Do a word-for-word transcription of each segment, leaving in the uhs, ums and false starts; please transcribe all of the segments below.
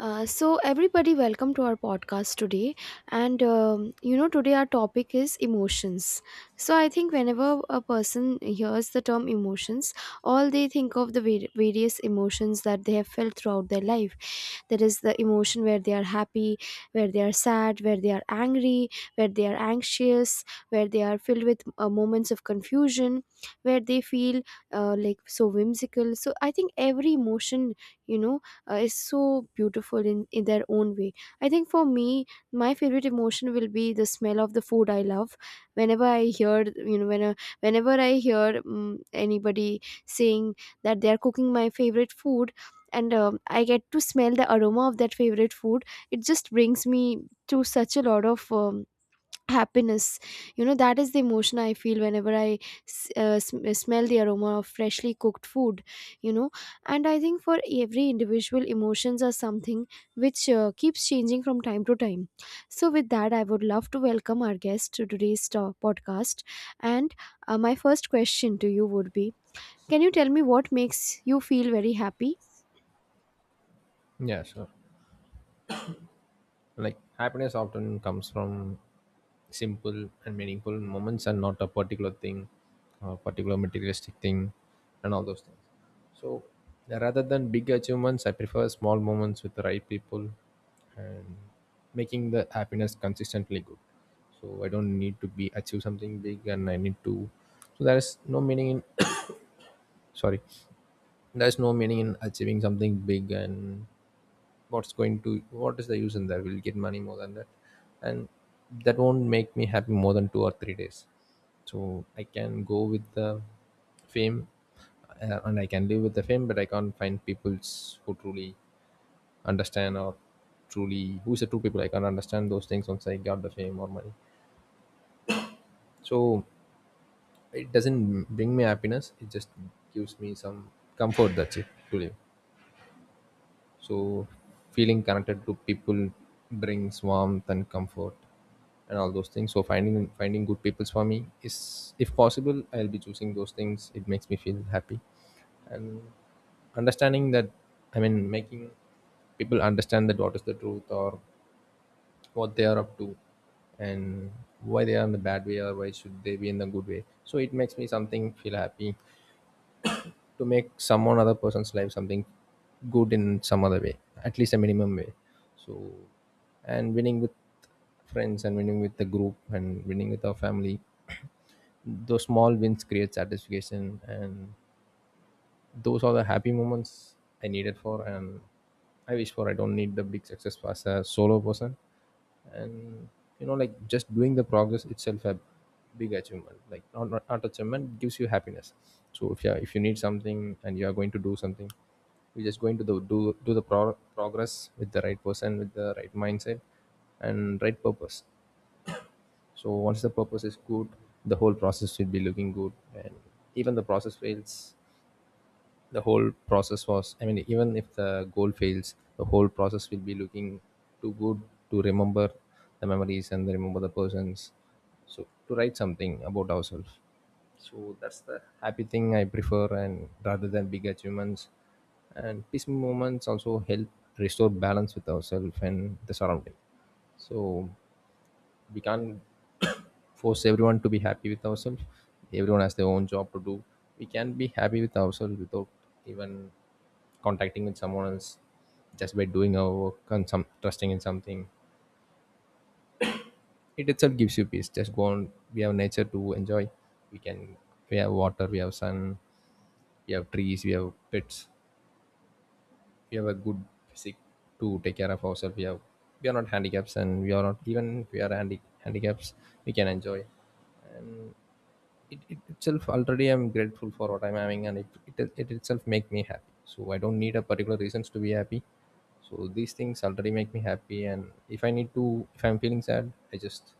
Uh, so everybody, welcome to our podcast today, and um, you know today our topic is emotions. So I think whenever a person hears the term emotions, all they think of the var- various emotions that they have felt throughout their life. That is the emotion where they are happy, where they are sad, where they are angry, where they are anxious, where they are filled with uh, moments of confusion, where they feel uh, like so whimsical. So I think every emotion, you know uh, is so beautiful in, in their own way. I think for me, my favorite emotion will be the smell of the food I love. Whenever I hear, you know, when, uh, whenever I hear um, anybody saying that they are cooking my favorite food, and um, I get to smell the aroma of that favorite food. It just brings me to such a lot of um, happiness. You know, that is the emotion I feel whenever I s- uh, sm- uh, smell the aroma of freshly cooked food, you know. And I think for every individual, emotions are something which uh, keeps changing from time to time. So with that, I would love to welcome our guest to today's to- podcast. And uh, my first question to you would be, can you tell me what makes you feel very happy? Yeah, sure. Like happiness often comes from simple and meaningful moments, and not a particular thing, a particular materialistic thing, and all those things. So rather than big achievements, I prefer small moments with the right people and making the happiness consistently good. So I don't need to be achieve something big and I need to. So there is no meaning in. Sorry, there's no meaning in achieving something big, and what's going to what is the use in that? We'll get money more than that, and that won't make me happy more than two or three days. So I can go with the fame uh, and I can live with the fame, but I can't find peoples who truly understand, or truly who's the true people. I can't understand those things once I got the fame or money. So it doesn't bring me happiness, it just gives me some comfort, that's it, to live. So feeling connected to people brings warmth and comfort and all those things. So finding finding good people for me is, if possible I'll be choosing those things. It makes me feel happy. And understanding that, I mean, making people understand that what is the truth or what they are up to, and why they are in the bad way or why should they be in the good way. So it makes me something feel happy, to make someone, other person's life something good in some other way, at least a minimum way. So and winning with friends and winning with the group and winning with our family those small wins create satisfaction, and those are the happy moments I needed for and I wish for. I don't need the big success as a solo person, and you know, like just doing the progress itself a big achievement. Like not not, not achievement gives you happiness. So if you are- if you need something and you are going to do something, you're just going to the, do do the pro- progress with the right person, with the right mindset, and right purpose. So once the purpose is good, the whole process will be looking good, and even the process fails, the whole process was, I mean, even if the goal fails the whole process will be looking too good to remember, the memories and remember the persons. So to write something about ourselves, so that's the happy thing I prefer, and rather than big achievements. And peaceful moments also help restore balance with ourselves and the surrounding. So we can't force everyone to be happy with ourselves. Everyone has their own job to do. We can be happy with ourselves without even contacting with someone else, just by doing our work and some trusting in something. It itself gives you peace, just go on. We have nature to enjoy, we can, we have water, we have sun, we have trees, we have pets, we have a good physique to take care of ourselves. We have, we are not handicaps, and we are not, even if we are handi- handicaps we can enjoy it, it, itself already I'm grateful for what I'm having, and it, it it itself make me happy. So I don't need a particular reasons to be happy. So these things already make me happy. And if I need to, if I'm feeling sad I just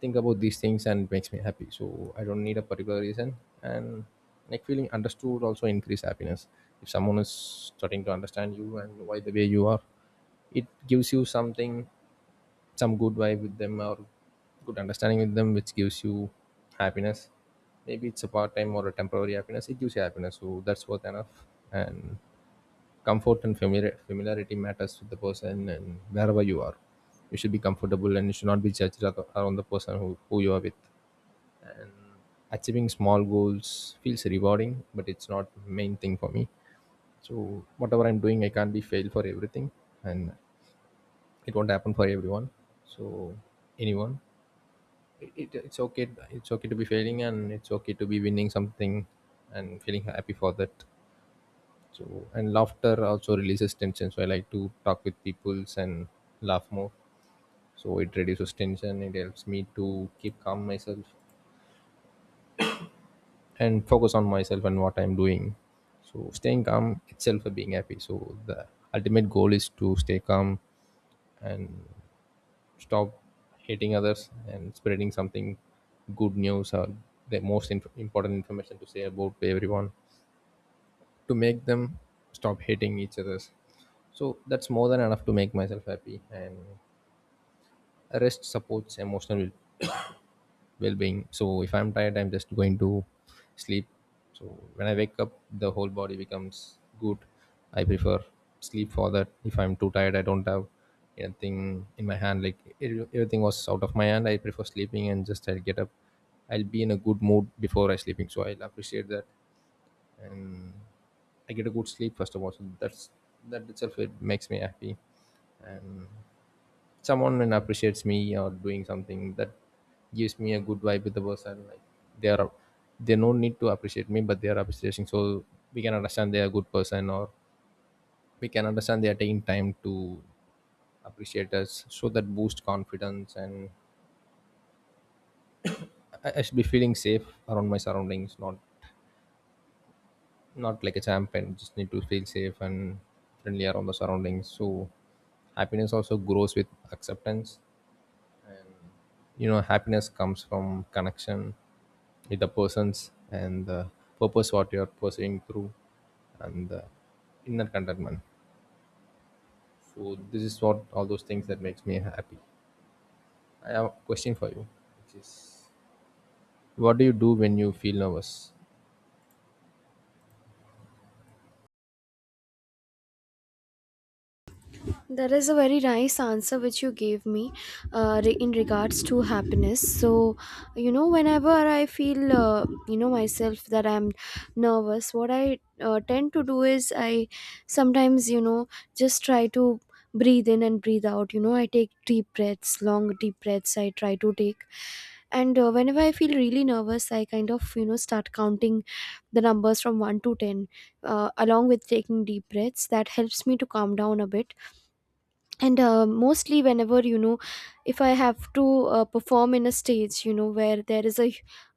think about these things and it makes me happy, so I don't need a particular reason. And like feeling understood also increase happiness. If someone is starting to understand you and why the way you are, it gives you something, some good vibe with them, or good understanding with them, which gives you happiness. Maybe it's a part-time or a temporary happiness, it gives you happiness, so that's worth enough. And comfort and familiar, familiarity matters with the person. And wherever you are you should be comfortable and you should not be judged ar- around the person who, who you are with. And achieving small goals feels rewarding, but it's not main thing for me. So whatever I'm doing I can't be failed for everything, and it won't happen for everyone. So anyone, it, it it's okay, it's okay to be failing and it's okay to be winning something and feeling happy for that. So and laughter also releases tension, so I like to talk with peoples and laugh more. So it reduces tension, it helps me to keep calm myself and focus on myself and what I'm doing. So staying calm itself a being happy, so the ultimate goal is to stay calm and stop hating others and spreading something good news, or the most inf- important information to say about everyone, to make them stop hating each others. So that's more than enough to make myself happy. And rest supports emotional well-being. So if I'm tired I'm just going to sleep. So when I wake up the whole body becomes good. I prefer sleep for that. If I'm too tired I don't have anything in my hand, like e- everything was out of my hand, I prefer sleeping and just I'll get up. I'll be in a good mood before I sleeping, so I'll appreciate that. And I get a good sleep first of all, so that's, that itself it makes me happy. And someone and appreciates me or doing something that gives me a good vibe with the person. Like they are, they no need to appreciate me but they are appreciating, so we can understand they are a good person, or we can understand they are taking time to appreciate us. So that boosts confidence. And I, I should be feeling safe around my surroundings, not not like a champion, just need to feel safe and friendly around the surroundings. So happiness also grows with acceptance. You know happiness comes from connection with the persons, and the purpose what you are pursuing through, and the inner contentment. So this is what all those things that makes me happy. I have a question for you. What do you do when you feel nervous? That is a very nice answer which you gave me uh, re- in regards to happiness. So, you know, whenever I feel, uh, you know, myself that I'm nervous, what I uh, tend to do is I sometimes, you know, just try to breathe in and breathe out. You know, I take deep breaths, long deep breaths I try to take. And uh, whenever I feel really nervous, I kind of, you know, start counting the numbers from one to ten, uh, along with taking deep breaths. That helps me to calm down a bit. And uh, mostly, whenever, you know, if I have to uh, perform in a stage, you know, where there is a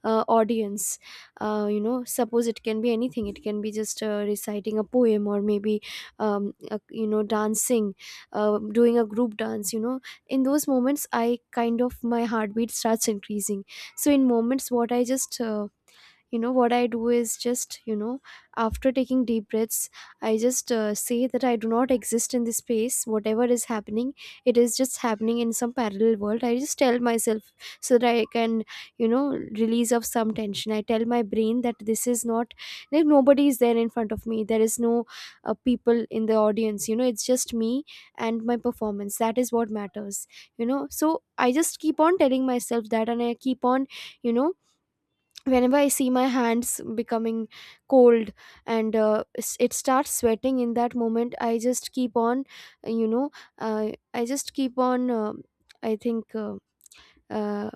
uh, audience, uh, you know, suppose it can be anything, it can be just uh, reciting a poem or maybe um, uh, you know, dancing, uh, doing a group dance, you know, in those moments, i kind of my heartbeat starts increasing. So in moments, what I just uh, you know what I do is just, you know, after taking deep breaths, I just uh, say that I do not exist in this space, whatever is happening, it is just happening in some parallel world. I just tell myself so that I can, you know, release of some tension. I tell my brain that this is not, like nobody is there in front of me, there is no uh, people in the audience. You know, it's just me and my performance, that is what matters, you know. So I just keep on telling myself that, and I keep on, you know, whenever I see my hands becoming cold and uh, s- it starts sweating, in that moment I just keep on, you know, uh, I just keep on, um I think uh, uh,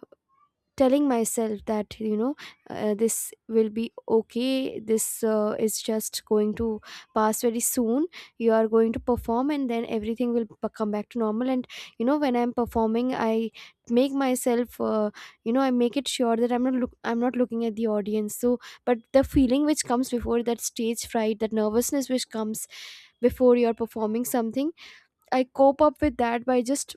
telling myself that, you know, uh, this will be okay, this uh, is just going to pass very soon. You are going to perform and then everything will b- come back to normal. And, you know, when I'm performing, I make myself uh, you know I make it sure that I'm not look I'm not looking at the audience. So but the feeling which comes before that stage fright, that nervousness which comes before you're performing something, I cope up with that by just,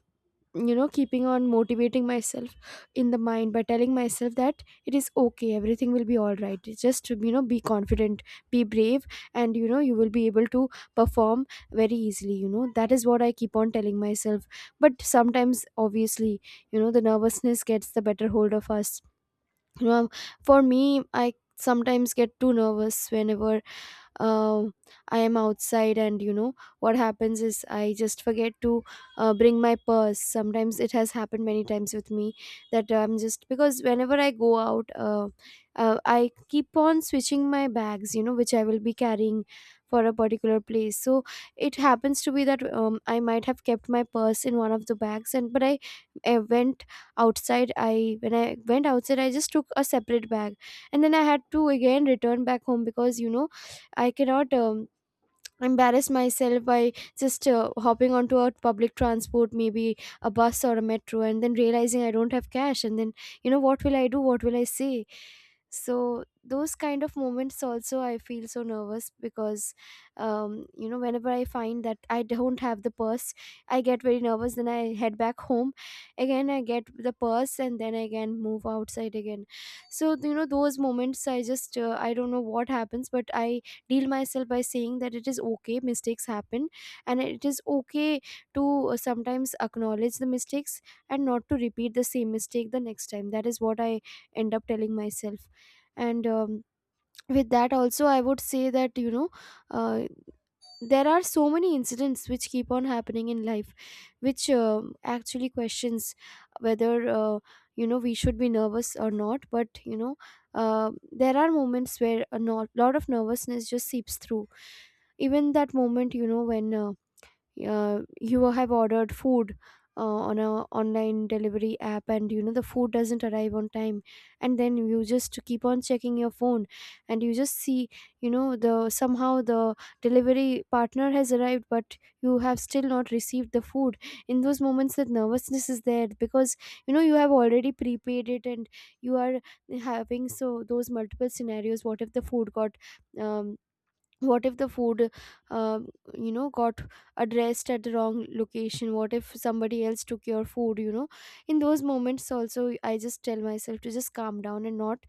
you know, keeping on motivating myself in the mind by telling myself that it is okay, everything will be all right. It's just, you know, be confident, be brave, and, you know, you will be able to perform very easily. You know, that is what I keep on telling myself. But sometimes, obviously, you know, the nervousness gets the better hold of us, you know. For me, I sometimes get too nervous whenever uh, I am outside, and, you know, what happens is I just forget to uh, bring my purse. Sometimes it has happened many times with me that I'm just, because whenever I go out, uh, uh, I keep on switching my bags, you know, which I will be carrying for a particular place. So it happens to be that um, I might have kept my purse in one of the bags, and but i, I went outside. I when i went outside, I just took a separate bag, and then I had to again return back home, because, you know, I cannot um, embarrass myself by just uh, hopping onto a public transport, maybe a bus or a metro, and then realizing I don't have cash. And then, you know, what will I do? What will I say? So those kind of moments also, I feel so nervous, because um, you know, whenever I find that I don't have the purse, I get very nervous, then I head back home, again I get the purse, and then I again move outside again. So, you know, those moments I just, uh, I don't know what happens, but I deal myself by saying that it is okay, mistakes happen, and it is okay to uh, sometimes acknowledge the mistakes and not to repeat the same mistake the next time. That is what I end up telling myself. And um, with that also, I would say that, you know, uh, there are so many incidents which keep on happening in life which um actually questions whether, uh, you know, we should be nervous or not. But you know, uh, there are moments where a no- lot of nervousness just seeps through, even that moment, you know, when uh, uh, you have ordered food uh, on a online delivery app, and, you know, the food doesn't arrive on time, and then you just keep on checking your phone, and you just see, you know, the somehow the delivery partner has arrived, but you have still not received the food. In those moments, that nervousness is there because, you know, you have already prepaid it, and you are having so those multiple scenarios, what if the food got um, what if the food uh, you know, got addressed at the wrong location, what if somebody else took your food, you know. In those moments also, I just tell myself to just calm down and not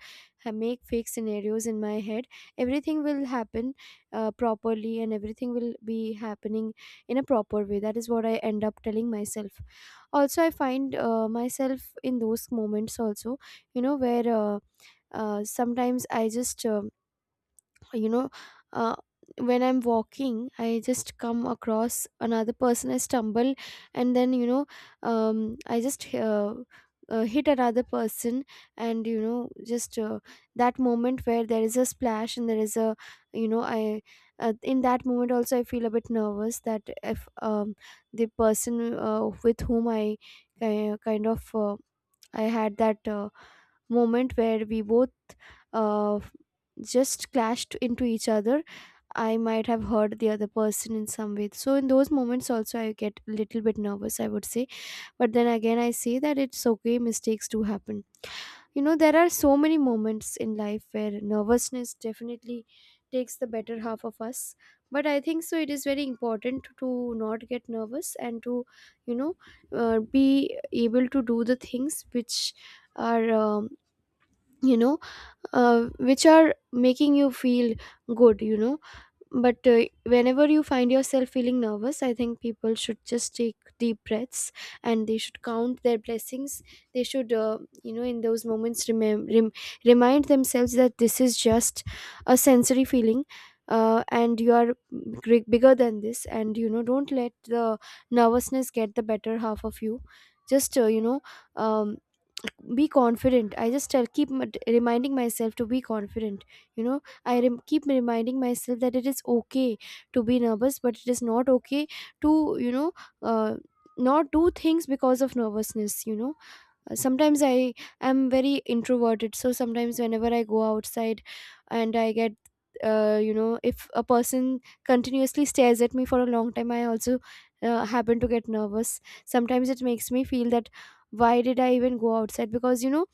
ha- make fake scenarios in my head. Everything will happen uh, properly, and everything will be happening in a proper way. That is what I end up telling myself. Also, I find uh, myself in those moments also, you know, where uh, uh, sometimes I just, uh, you know uh, when I'm walking, I just come across another person, I stumble, and then, you know, um, I just uh, uh, hit another person, and, you know, just uh, that moment where there is a splash and there is a, you know, I uh, in that moment also I feel a bit nervous, that if um, the person uh, with whom I ki- kind of uh, I had that uh, moment where we both uh, just clashed into each other, I might have hurt the other person in some way. So in those moments also I get a little bit nervous, I would say. But then again, I say that it's okay, mistakes do happen. You know, there are so many moments in life where nervousness definitely takes the better half of us. But I think so it is very important to not get nervous, and to, you know, uh, be able to do the things which are um, you know, uh, which are making you feel good, you know. But uh, whenever you find yourself feeling nervous, I think people should just take deep breaths, and they should count their blessings. They should, uh, you know, in those moments, remem- rem- remind themselves that this is just a sensory feeling, uh, and you are gr- bigger than this, and, you know, don't let the nervousness get the better half of you. Just uh, you know um, be confident. I just tell, keep m- reminding myself to be confident, you know. I rem- keep reminding myself that it is okay to be nervous, but it is not okay to, you know, uh, not do things because of nervousness. You know, Uh, sometimes I am very introverted, so sometimes whenever I go outside, and I get, uh, you know, if a person continuously stares at me for a long time, I also uh, happen to get nervous. Sometimes it makes me feel that, why did I even go outside? Because, you know,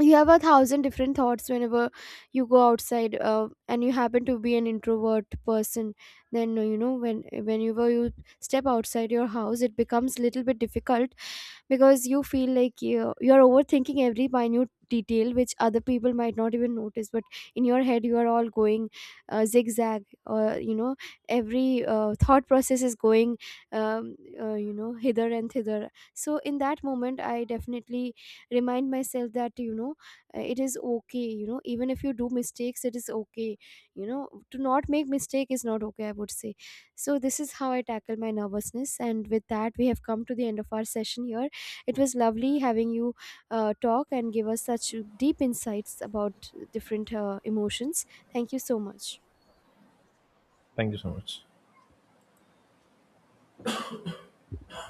you have a thousand different thoughts whenever you go outside, uh, and you happen to be an introvert person, then, uh, you know, when whenever you step outside your house, it becomes little bit difficult, because you feel like you you are overthinking every minute detail which other people might not even notice, but in your head you are all going uh, zigzag, or, you know, every uh, thought process is going um, uh, you know, hither and thither. So in that moment I definitely remind myself that, you know, uh, it is okay, you know, even if you do mistakes it is okay, you know, to not make mistake is not okay, I would say. So this is how I tackle my nervousness, and with that we have come to the end of our session here. It was lovely having you uh, talk and give us such deep insights about different uh, emotions. Thank you so much. Thank you so much.